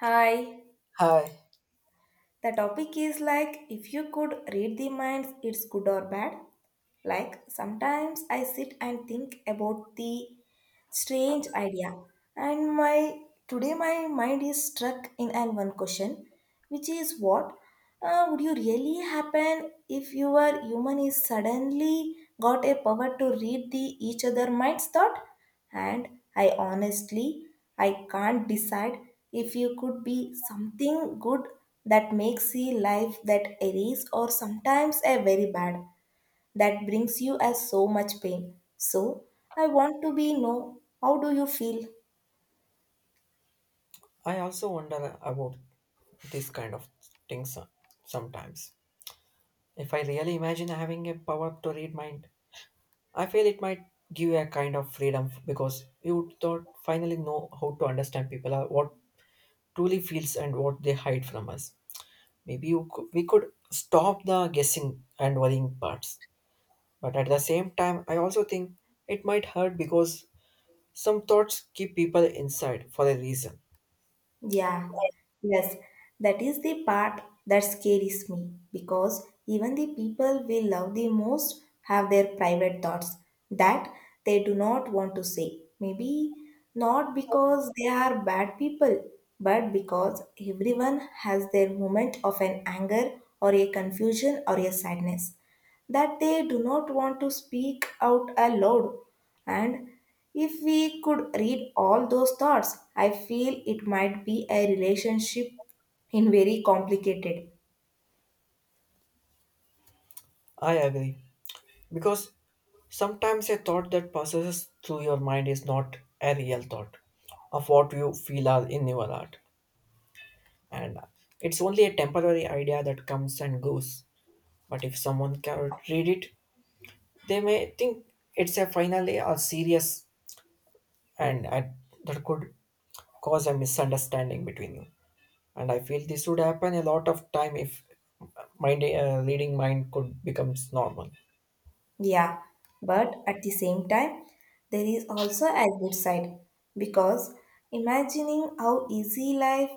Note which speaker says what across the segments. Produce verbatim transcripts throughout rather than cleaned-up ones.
Speaker 1: Hi,
Speaker 2: Hi.
Speaker 1: the topic is like if you could read the minds, it's good or bad. Like sometimes I sit and think about the strange idea, and my today my mind is struck in an one question, which is what uh, would you really happen if your human is suddenly got a power to read the each other mind's thought. And i honestly i can't decide if you could be something good that makes the life that erase, or sometimes a very bad that brings you as so much pain. So I want to be know, how do you feel?
Speaker 2: I also wonder about this kind of things so- sometimes. If I really imagine having a power to read mind, I feel it might give you a kind of freedom f- because you would thought finally know how to understand people or what truly feels and what they hide from us. Maybe you could, we could stop the guessing and worrying parts. But at the same time, I also think it might hurt because some thoughts keep people inside for a reason.
Speaker 1: Yeah, yes, that is the part that scares me, because even the people we love the most have their private thoughts that they do not want to say. Maybe not because they are bad people, but because everyone has their moment of an anger or a confusion or a sadness. That they do not want to speak out aloud. And if we could read all those thoughts, I feel it might be a relationship in very complicated.
Speaker 2: I agree. Because sometimes a thought that passes through your mind is not a real thought of what you feel are in your heart, and it's only a temporary idea that comes and goes. But if someone can read it, they may think it's a finally or serious, and uh, that could cause a misunderstanding between you. And I feel this would happen a lot of time if mind uh, reading mind could becomes normal.
Speaker 1: Yeah, but at the same time, there is also a good side, because imagining how easy life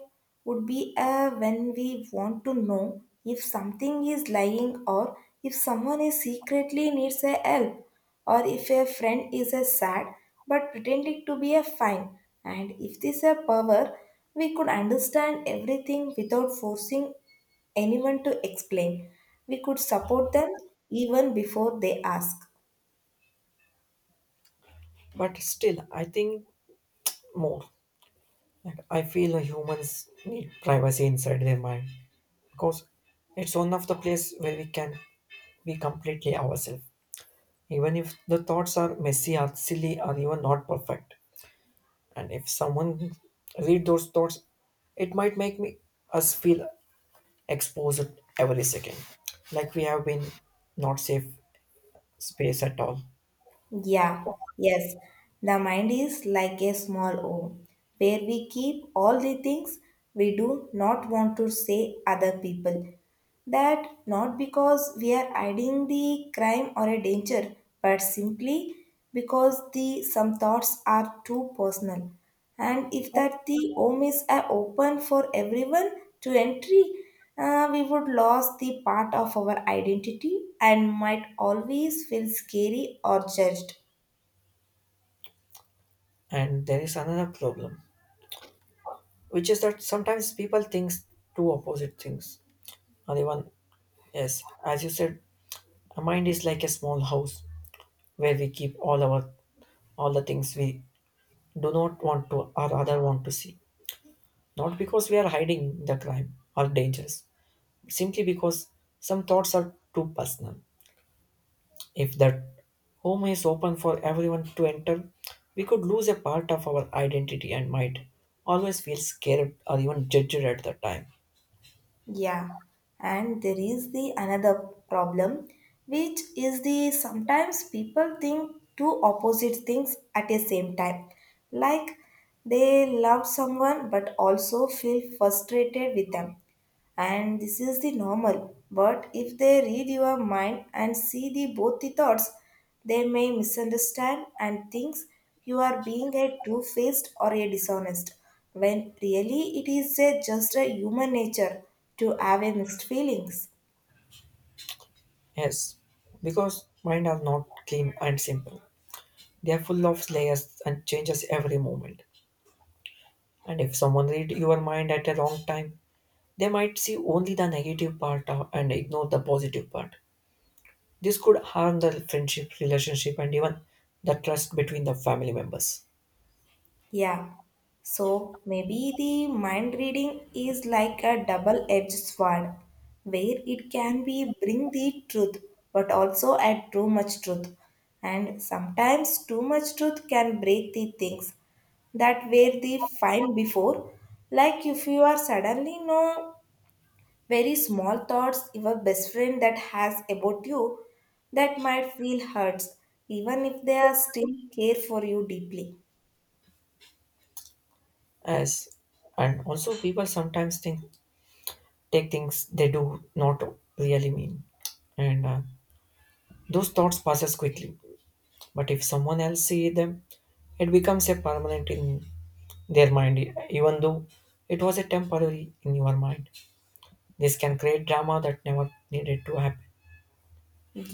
Speaker 1: would be uh, when we want to know if something is lying, or if someone is secretly needs a help, or if a friend is a sad but pretending to be a fine. And if this a power, we could understand everything without forcing anyone to explain. We could support them even before they ask.
Speaker 2: But still, I think more. And I feel like humans need privacy inside their mind because it's one of the place where we can be completely ourselves, even if the thoughts are messy or silly or even not perfect. And if someone read those thoughts, it might make me us feel exposed every second, like we have been not safe space at all.
Speaker 1: Yeah, yes, the mind is like a small home where we keep all the things we do not want to say other people. That not because we are hiding the crime or a danger, but simply because the some thoughts are too personal. And if that the home is uh, open for everyone to entry, uh, we would lose the part of our identity and might always feel scary or judged.
Speaker 2: And there is another problem, which is that sometimes people think two opposite things, or even yes, as you said. The mind is like a small house where we keep all our all the things we do not want to or rather want to see. Not because we are hiding the crime or dangers, simply because some thoughts are too personal. If that home is open for everyone to enter, we could lose a part of our identity and might always feel scared or even judged at the time.
Speaker 1: Yeah, and there is the another problem, which is the sometimes people think two opposite things at the same time, like they love someone but also feel frustrated with them, and this is the normal. But if they read your mind and see the both the thoughts, they may misunderstand and thinks you are being a two-faced or a dishonest, when really it is a, just a human nature to have a mixed feelings.
Speaker 2: Yes, because mind are not clean and simple. They are full of layers and changes every moment. And if someone read your mind at a wrong time, they might see only the negative part of- and ignore the positive part. This could harm the friendship, relationship, and even the trust between the family members.
Speaker 1: Yeah, so maybe the mind reading is like a double edged sword, where it can be bring the truth but also add too much truth, and sometimes too much truth can break the things that were the fine before, like if you are suddenly know very small thoughts your best friend that has about you, that might feel hurts even if they are still care for you deeply.
Speaker 2: As and also people sometimes think take things they do not really mean, and uh, those thoughts passes quickly. But if someone else see them, it becomes a permanent in their mind, even though it was a temporary in your mind. This can create drama that never needed to happen.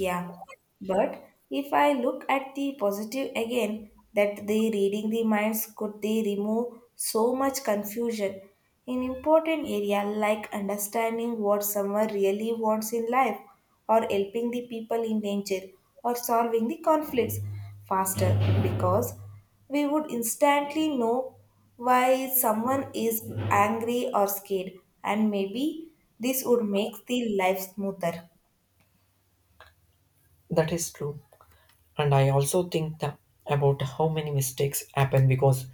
Speaker 1: Yeah, but if I look at the positive again, that the reading the minds could they remove so much confusion in important area, like understanding what someone really wants in life, or helping the people in danger, or solving the conflicts faster, because we would instantly know why someone is angry or scared, and maybe this would make the life smoother.
Speaker 2: That is true. And I also think tha- about how many mistakes happen because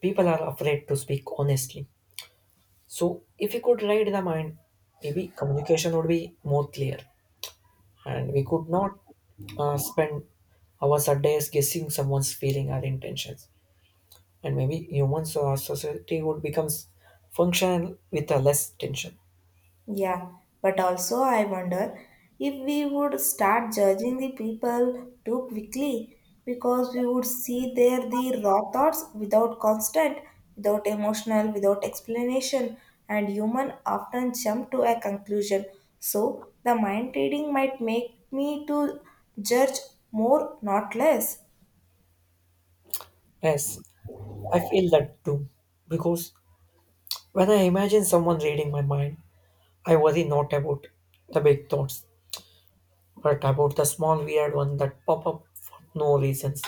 Speaker 2: people are afraid to speak honestly. So, if we could read the mind, maybe communication would be more clear. And we could not uh, spend hours or days guessing someone's feeling or intentions. And maybe humans or society would become functional with a less tension.
Speaker 1: Yeah, but also I wonder if we would start judging the people too quickly, because we would see there the raw thoughts without constant, without emotional, without explanation, and human often jump to a conclusion. So the mind reading might make me to judge more, not less.
Speaker 2: Yes, I feel that too. Because when I imagine someone reading my mind, I worry not about the big thoughts, but about the small weird ones that pop up for no reasons,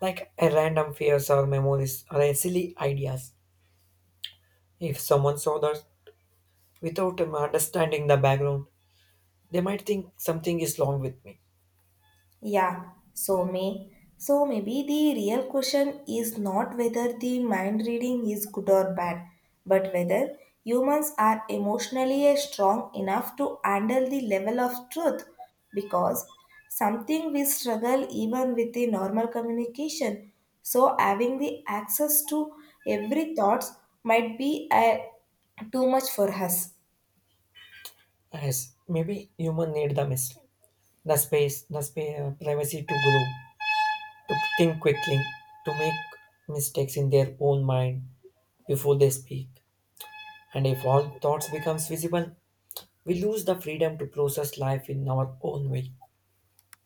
Speaker 2: like a random fears or memories or a silly ideas. If someone saw that without um, understanding the background, they might think something is wrong with me.
Speaker 1: Yeah, so may so maybe the real question is not whether the mind reading is good or bad, but whether humans are emotionally strong enough to handle the level of truth, because something we struggle even with the normal communication. So having the access to every thoughts might be a, too much for us.
Speaker 2: Yes, maybe human need the mystery, the space, the spa- privacy to grow, to think quickly, to make mistakes in their own mind before they speak. And if all thoughts becomes visible, we lose the freedom to process life in our own way.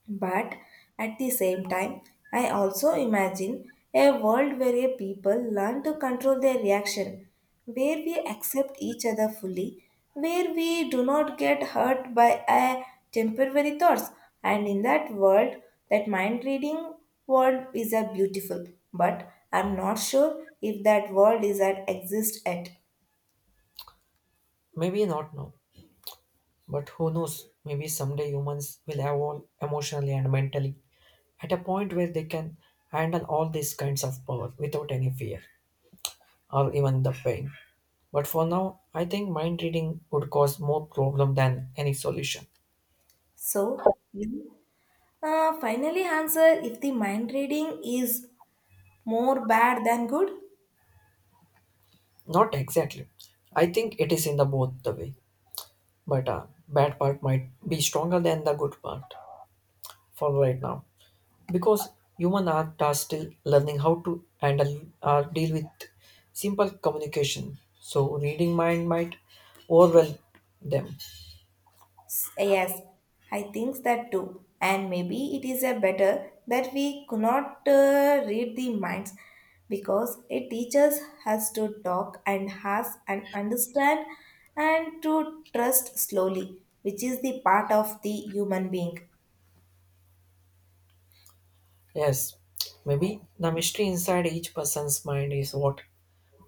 Speaker 1: But at the same time, I also imagine a world where a people learn to control their reaction, where we accept each other fully, where we do not get hurt by a temporary thoughts. And in that world, that mind reading world is a beautiful, but I'm not sure if that world is at exist at.
Speaker 2: Maybe not now, but who knows? Maybe someday humans will evolve emotionally and mentally at a point where they can handle all these kinds of power without any fear or even the pain. But for now, I think mind reading would cause more problem than any solution.
Speaker 1: So you uh, finally answer if the mind reading is more bad than good.
Speaker 2: Not exactly. I think it is in the both the way, but uh, bad part might be stronger than the good part for right now, because human art are still learning how to handle or deal with simple communication. So reading mind might overwhelm them.
Speaker 1: S- Yes, I think that too. And maybe it is a better that we could not uh, read the minds, because it teaches us to talk and has and understand and to trust slowly, which is the part of the human being.
Speaker 2: Yes, maybe the mystery inside each person's mind is what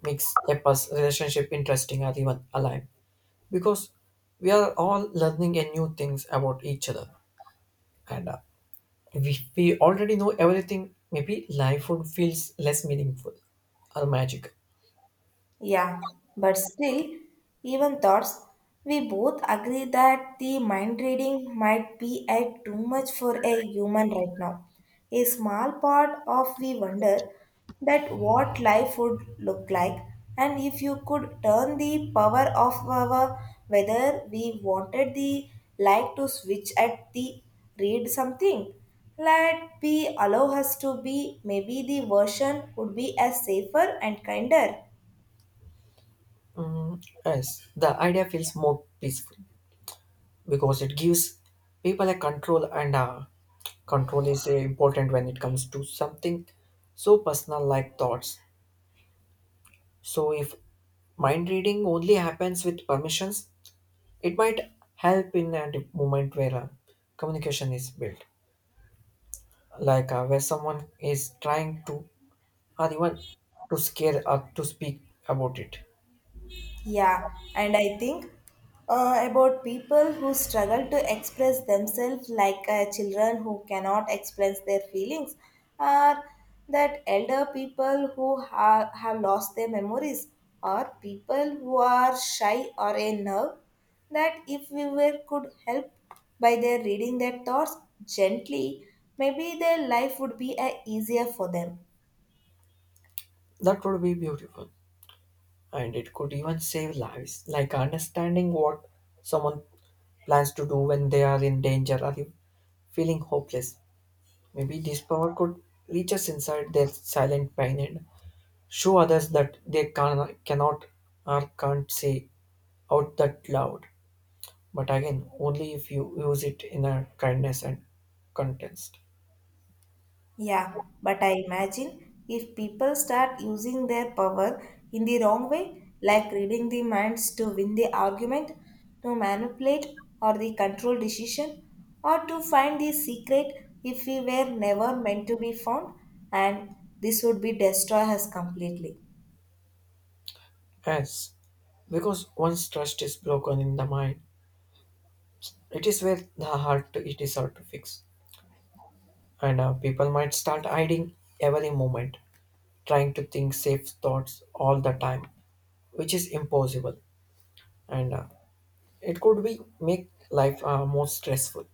Speaker 2: makes a pers- relationship interesting or even alive. Because we are all learning a new things about each other, and uh, if we already know everything, maybe life would feels less meaningful or magic.
Speaker 1: Yeah, but still, even thoughts, we both agree that the mind reading might be at too much for a human right now. A small part of we wonder that what life would look like, and if you could turn the power of our whether we wanted the light to switch at the read something. Let be allow us to be maybe the version would be as safer and kinder.
Speaker 2: Yes, the idea feels more peaceful, because it gives people a control, and uh, control is uh, important when it comes to something so personal like thoughts. So if mind reading only happens with permissions, it might help in a di- moment where uh, communication is built, like uh, where someone is trying to or even to scare or to speak about it.
Speaker 1: Yeah, and I think uh, about people who struggle to express themselves, like uh, children who cannot express their feelings, or that elder people who ha- have lost their memories, or people who are shy or a nerve. That if we were could help by their reading their thoughts gently, maybe their life would be uh, easier for them.
Speaker 2: That would be beautiful, and it could even save lives like understanding what someone plans to do when they are in danger or feeling hopeless. Maybe this power could reach us inside their silent pain and show others that they can, cannot or can't say out that loud. But again, only if you use it in a kindness and context.
Speaker 1: Yeah, but I imagine if people start using their power in the wrong way, like reading the minds to win the argument, to manipulate or the control decision, or to find the secret if we were never meant to be found, and this would be destroy us completely.
Speaker 2: Yes, because once trust is broken in the mind, it is where the heart it is hard to fix. And uh, people might start hiding every moment, trying to think safe thoughts all the time, which is impossible. And uh, it could be make life uh, more stressful.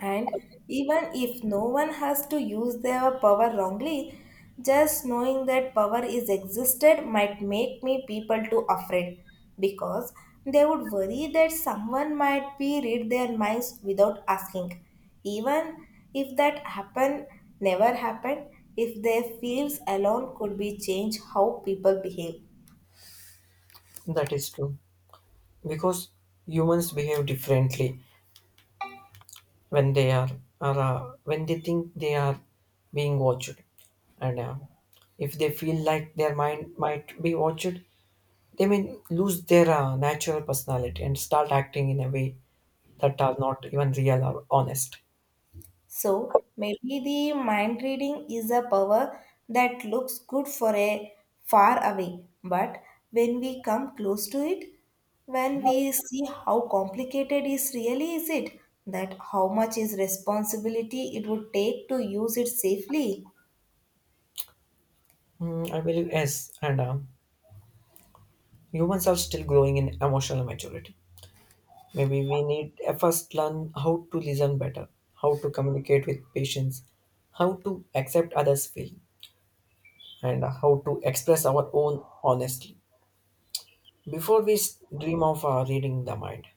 Speaker 1: And even if no one has to use their power wrongly, just knowing that power is existed might make me people too afraid, because they would worry that someone might be read their minds without asking. Even if that happen never happened, if their fears alone could be changed how people behave.
Speaker 2: That is true because humans behave differently when they are, are uh, when they think they are being watched, and uh, if they feel like their mind might be watched, they may lose their uh, natural personality and start acting in a way that are not even real or honest.
Speaker 1: So maybe the mind reading is a power that looks good for a far away, but when we come close to it, when we see how complicated is really is it, that how much is responsibility it would take to use it safely.
Speaker 2: Mm, I believe yes, and um humans are still growing in emotional maturity. Maybe we need uh, first learn how to listen better, how to communicate with patients, how to accept others' feeling, and how to express our own honestly. Before we s- dream of uh, reading the mind,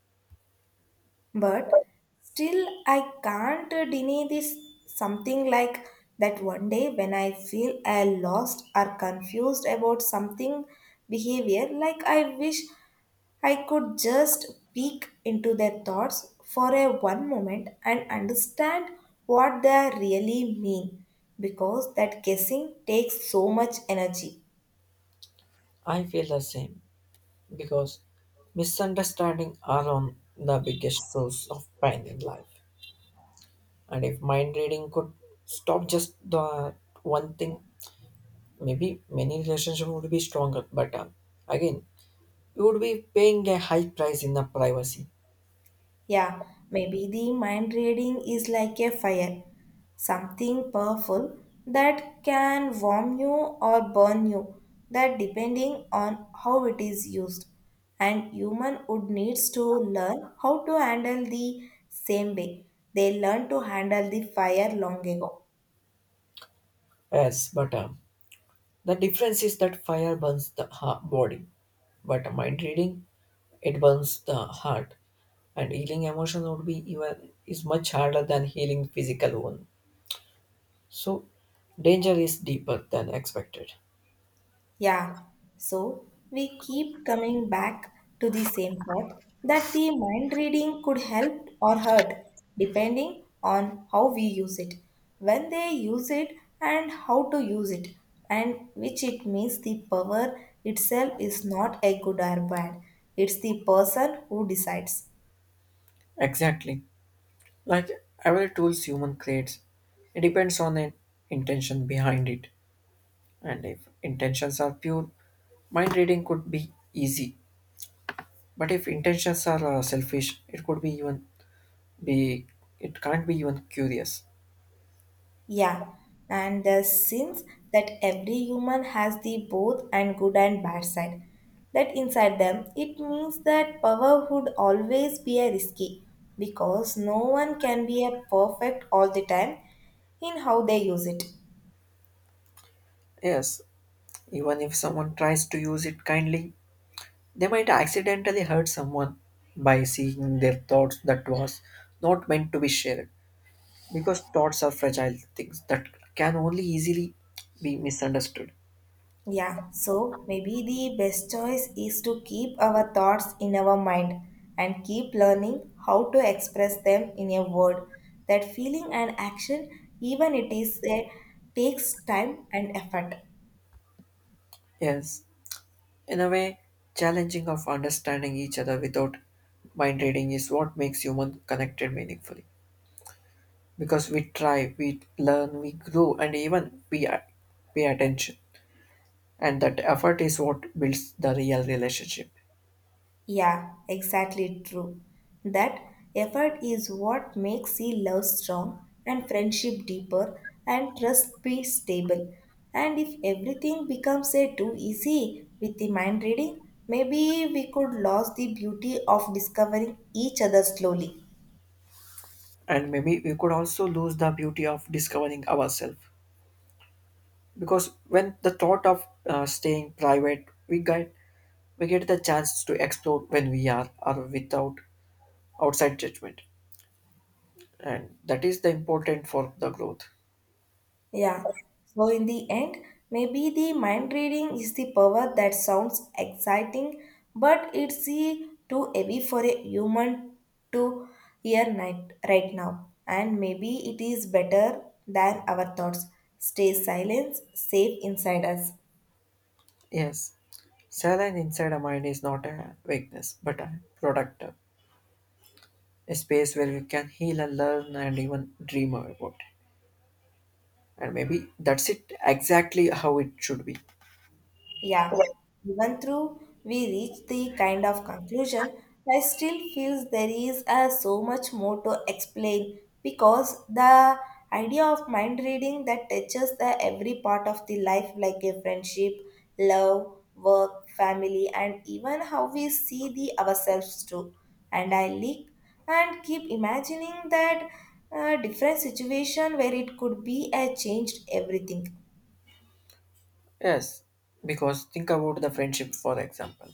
Speaker 1: But still I can't deny this something like that one day when I feel I lost or confused about something behavior, like I wish I could just peek into their thoughts for a one moment and understand what they really mean, because that guessing takes so much energy.
Speaker 2: I feel the same because misunderstanding are on the biggest source of pain in life. And if mind reading could stop just the one thing, maybe many relationships would be stronger. But uh, again, you would be paying a high price in the privacy.
Speaker 1: Yeah, maybe the mind reading is like a fire, something powerful that can warm you or burn you, that depending on how it is used. And human would needs to learn how to handle the same way they learn to handle the fire long ago.
Speaker 2: Yes, but um, the difference is that fire burns the ha- body, but mind reading, it burns the heart. And healing emotion would be even is much harder than healing physical one. So, danger is deeper than expected.
Speaker 1: Yeah, so we keep coming back to the same thought that the mind reading could help or hurt depending on how we use it, when they use it, and how to use it, and which it means the power itself is not a good or bad. It's the person who decides.
Speaker 2: Exactly. Like every tools human creates, it depends on the intention behind it. And if intentions are pure, mind reading could be easy. But if intentions are uh, selfish, it could be even be it can't be even curious.
Speaker 1: Yeah, and the sense that every human has the both and good and bad side. That inside them, it means that power would always be a risky, because no one can be a perfect all the time in how they use it.
Speaker 2: Yes, even if someone tries to use it kindly, they might accidentally hurt someone by seeing their thoughts that was not meant to be shared, because thoughts are fragile things that can only easily be misunderstood.
Speaker 1: Yeah, so maybe the best choice is to keep our thoughts in our mind and keep learning how to express them in a word. That feeling and action, even it is a takes time and effort.
Speaker 2: Yes, in a way, challenging of understanding each other without mind reading is what makes human connected meaningfully, because we try, we learn, we grow, and even we, we pay attention, and that effort is what builds the real relationship.
Speaker 1: Yeah, exactly true. That effort is what makes the love strong and friendship deeper and trust be stable. And if everything becomes a too easy with the mind reading, maybe we could lose the beauty of discovering each other slowly.
Speaker 2: And maybe we could also lose the beauty of discovering ourselves, because when the thought of uh, staying private we get we get the chance to explore when we are or without outside judgment, and that is the important for the growth.
Speaker 1: Yeah. So, in the end, maybe the mind reading is the power that sounds exciting, but it's the too heavy for a human to hear night, right now. And maybe it is better than our thoughts. Stay silent, safe inside us.
Speaker 2: Yes, saline inside a mind is not a weakness but a productive a space where we can heal and learn and even dream about it. And maybe that's it exactly how it should be.
Speaker 1: Yeah, even though we reach the kind of conclusion, I still feel there is uh, so much more to explain, because the idea of mind reading that touches the every part of the life, like a friendship, love, work, family, and even how we see the ourselves too. And I leak and keep imagining that uh, different situation where it could be a changed everything.
Speaker 2: Yes, because think about the friendship, for example,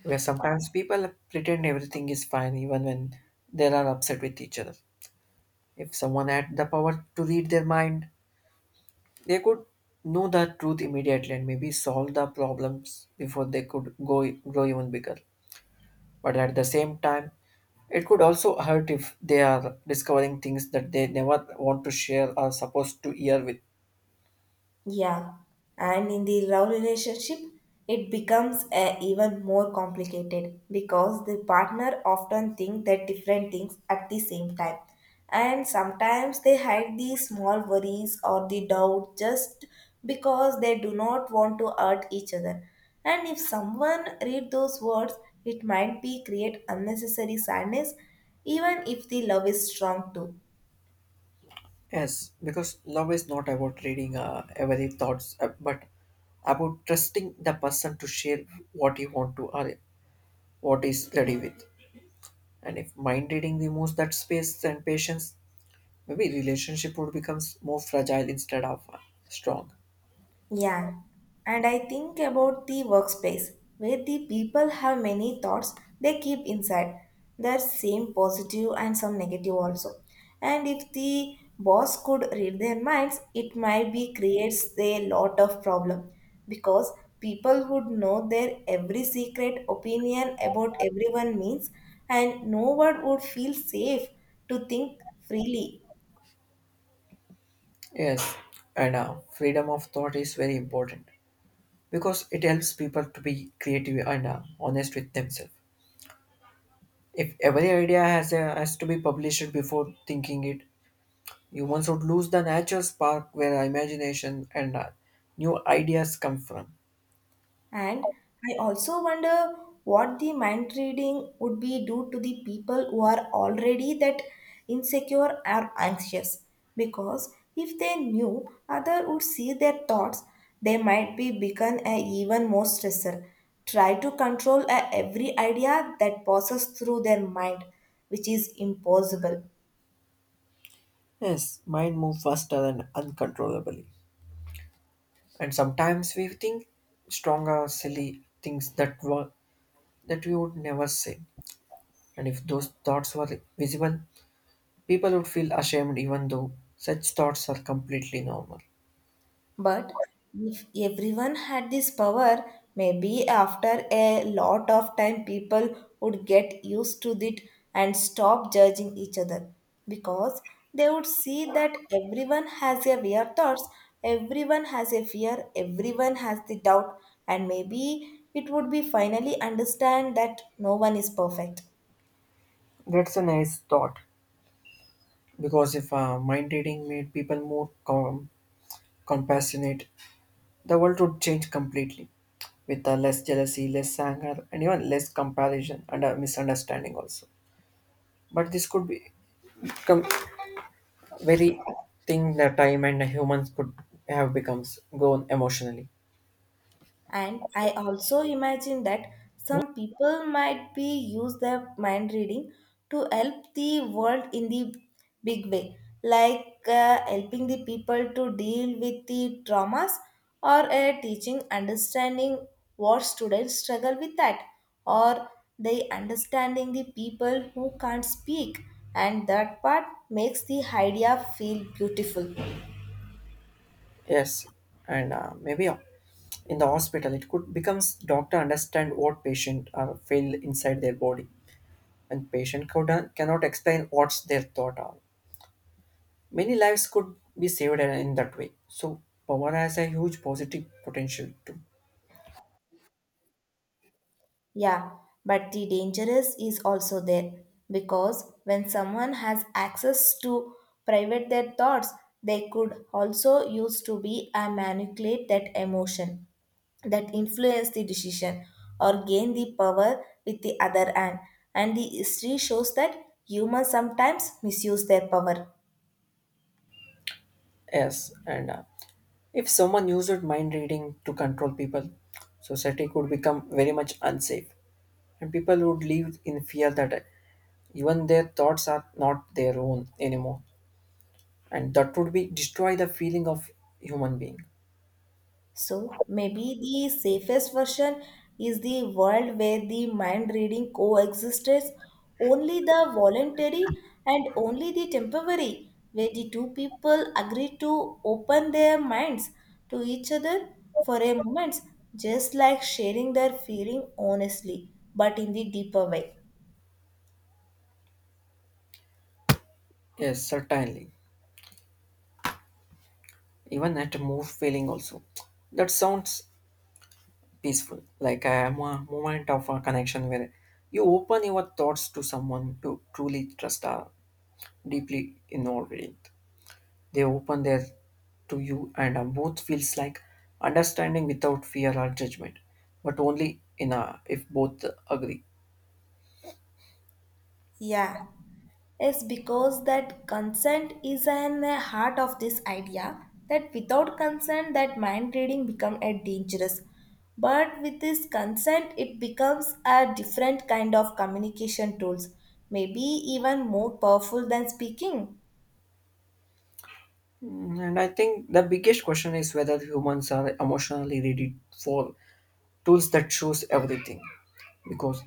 Speaker 2: where sometimes people pretend everything is fine even when they are upset with each other. If someone had the power to read their mind, they could know the truth immediately and maybe solve the problems before they could go grow even bigger. But at the same time, it could also hurt if they are discovering things that they never want to share or supposed to hear with.
Speaker 1: Yeah, and in the love relationship, it becomes uh, even more complicated, because the partner often think that different things at the same time. And sometimes they hide the small worries or the doubt just because they do not want to hurt each other. And if someone read those words, it might be create unnecessary sadness even if the love is strong too.
Speaker 2: Yes, because love is not about reading uh, every thoughts, uh, but about trusting the person to share what you want to or what is ready with. And if mind reading removes that space and patience, maybe relationship would becomes more fragile instead of uh, strong.
Speaker 1: Yeah, and I think about the workspace where the people have many thoughts they keep inside. There's same positive and some negative also. And if the boss could read their minds, it might be creates a lot of problem because people would know their every secret opinion about everyone means, and no one would feel safe to think freely.
Speaker 2: Yes, and uh, freedom of thought is very important because it helps people to be creative and uh, honest with themselves. If every idea has, a, has to be published before thinking it, humans would lose the natural spark where imagination and uh, new ideas come from.
Speaker 1: And I also wonder what the mind reading would be due to the people who are already that insecure or anxious. Because if they knew other would see their thoughts, they might be become a even more stressor. Try to control a every idea that passes through their mind, which is impossible.
Speaker 2: Yes, mind move faster and uncontrollably. And sometimes we think stronger, silly things that were that we would never say. And if those thoughts were visible, people would feel ashamed even though such thoughts are completely normal.
Speaker 1: But if everyone had this power, maybe after a lot of time, people would get used to it and stop judging each other because they would see that everyone has a weird thoughts, everyone has a fear, everyone has the doubt, and maybe it would be finally understand that no one is perfect.
Speaker 2: That's a nice thought because if uh, mind reading made people more com- compassionate, the world would change completely with uh, less jealousy, less anger, and even less comparison and uh, misunderstanding also. But this could be- become very thing that time and humans could have becomes gone emotionally.
Speaker 1: And I also imagine that some people might be use their mind reading to help the world in the big way, like uh, helping the people to deal with the traumas or uh, teaching understanding what students struggle with that, or they understanding the people who can't speak, and that part makes the idea feel beautiful.
Speaker 2: Yes, and uh, maybe uh, in the hospital it could becomes doctor understand what patient are feel inside their body, and patient could, cannot explain what's their thought are. Many lives could be saved in that way. So power has a huge positive potential too.
Speaker 1: Yeah, but the dangerous is also there because when someone has access to private their thoughts, they could also use to be and manipulate that emotion that influence the decision or gain the power with the other hand. And the history shows that humans sometimes misuse their power.
Speaker 2: Yes, and uh, if someone used mind reading to control people, society could become very much unsafe, and people would live in fear that uh, even their thoughts are not their own anymore, and that would be destroy the feeling of human being.
Speaker 1: So maybe the safest version is the world where the mind reading coexists only the voluntary and only the temporary, where the two people agree to open their minds to each other for a moment, just like sharing their feeling honestly, but in the deeper way.
Speaker 2: Yes, certainly. Even at a more feeling also, that sounds peaceful, like I am a moment of a connection where you open your thoughts to someone you truly trust are deeply involved in. They open their to you and uh, both feels like understanding without fear or judgment, but only in a if both agree.
Speaker 1: Yeah. Is because that consent is an uh, heart of this idea, that without consent that mind reading become a dangerous, but with this consent it becomes a different kind of communication tools, maybe even more powerful than speaking.
Speaker 2: Mm, and I think the biggest question is whether humans are emotionally ready for tools that shows everything, because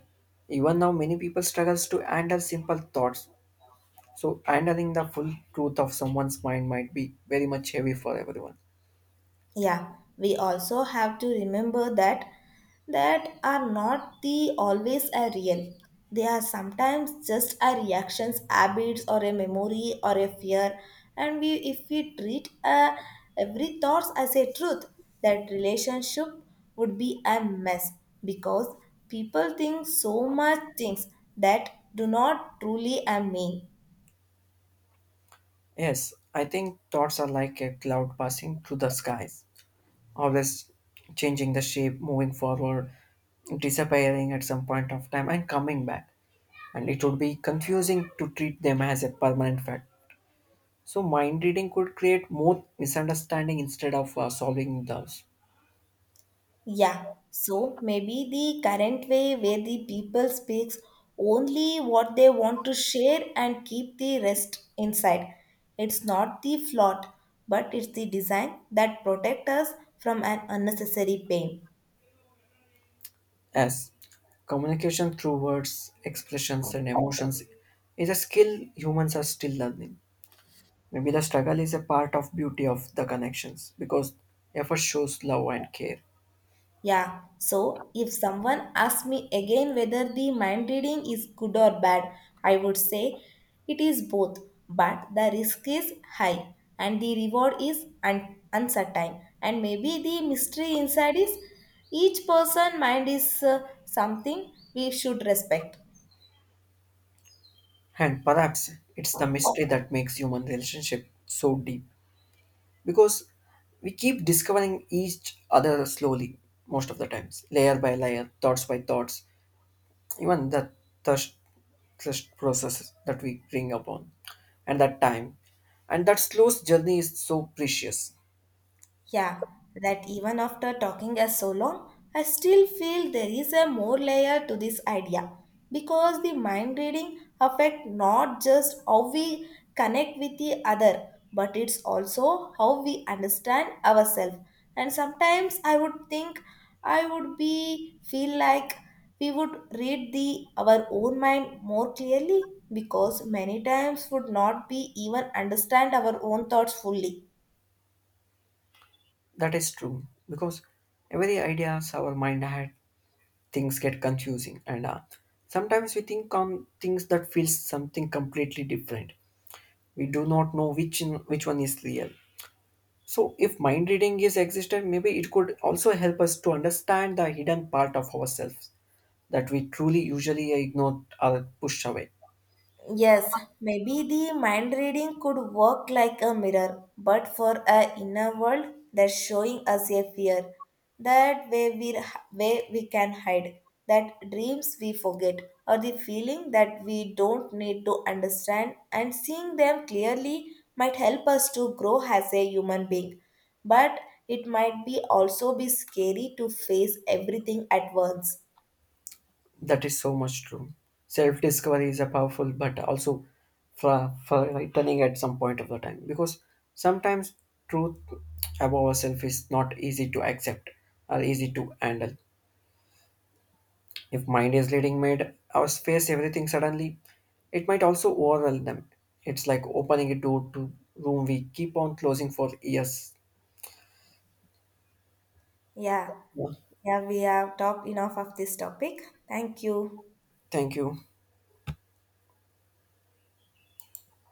Speaker 2: even now many people struggles to handle simple thoughts, so handling the full truth of someone's mind might be very much heavy for everyone.
Speaker 1: Yeah, we also have to remember that that are not the always a real. They are sometimes just our reactions habits or a memory or a fear, and we if we treat uh, every thoughts as a truth, that relationship would be a mess, because people think so much things that do not truly I mean.
Speaker 2: Yes, I think thoughts are like a cloud passing through the skies, always changing the shape, moving forward, disappearing at some point of time, and coming back. And it would be confusing to treat them as a permanent fact. So, mind reading could create more misunderstanding instead of uh, solving those.
Speaker 1: Yeah, so maybe the current way where the people speaks only what they want to share and keep the rest inside. It's not the flaw, but it's the design that protect us from an unnecessary pain.
Speaker 2: As communication through words, expressions, and emotions is a skill humans are still learning. Maybe the struggle is a part of beauty of the connections because effort shows love and care.
Speaker 1: Yeah, so if someone asks me again whether the mind reading is good or bad, I would say it is both, but the risk is high and the reward is un- uncertain, and maybe the mystery inside is each person mind is uh, something we should respect.
Speaker 2: And perhaps it's the mystery that makes human relationship so deep because we keep discovering each other slowly most of the times, layer by layer, thoughts by thoughts, even the thirst, thirst process that we bring upon and that time. And that slow journey is so precious.
Speaker 1: Yeah, that even after talking as so long, I still feel there is a more layer to this idea, because the mind reading affect not just how we connect with the other, but it's also how we understand ourselves. And sometimes I would think I would be feel like we would read the our own mind more clearly, because many times would not be even understand our own thoughts fully.
Speaker 2: That is true because every ideas our mind had things get confusing and uh, sometimes we think on things that feels something completely different, we do not know which in, which one is real, so if mind reading is existed maybe it could also help us to understand the hidden part of ourselves that we truly usually ignore or push away.
Speaker 1: Yes, maybe the mind reading could work like a mirror, but for a inner world that's showing us a fear, that way we way we can hide, that dreams we forget, or the feeling that we don't need to understand, and seeing them clearly might help us to grow as a human being. But it might be also be scary to face everything at once.
Speaker 2: That is so much true, self discovery is a powerful but also for frightening at some point of the time because sometimes truth about ourselves is not easy to accept or easy to handle. If mind is leading made our face everything suddenly, it might also overwhelm them. It's like opening a door to room we keep on closing for years.
Speaker 1: Yeah,
Speaker 2: Yeah.
Speaker 1: yeah, we have talked enough of this topic. Thank you.
Speaker 2: Thank you.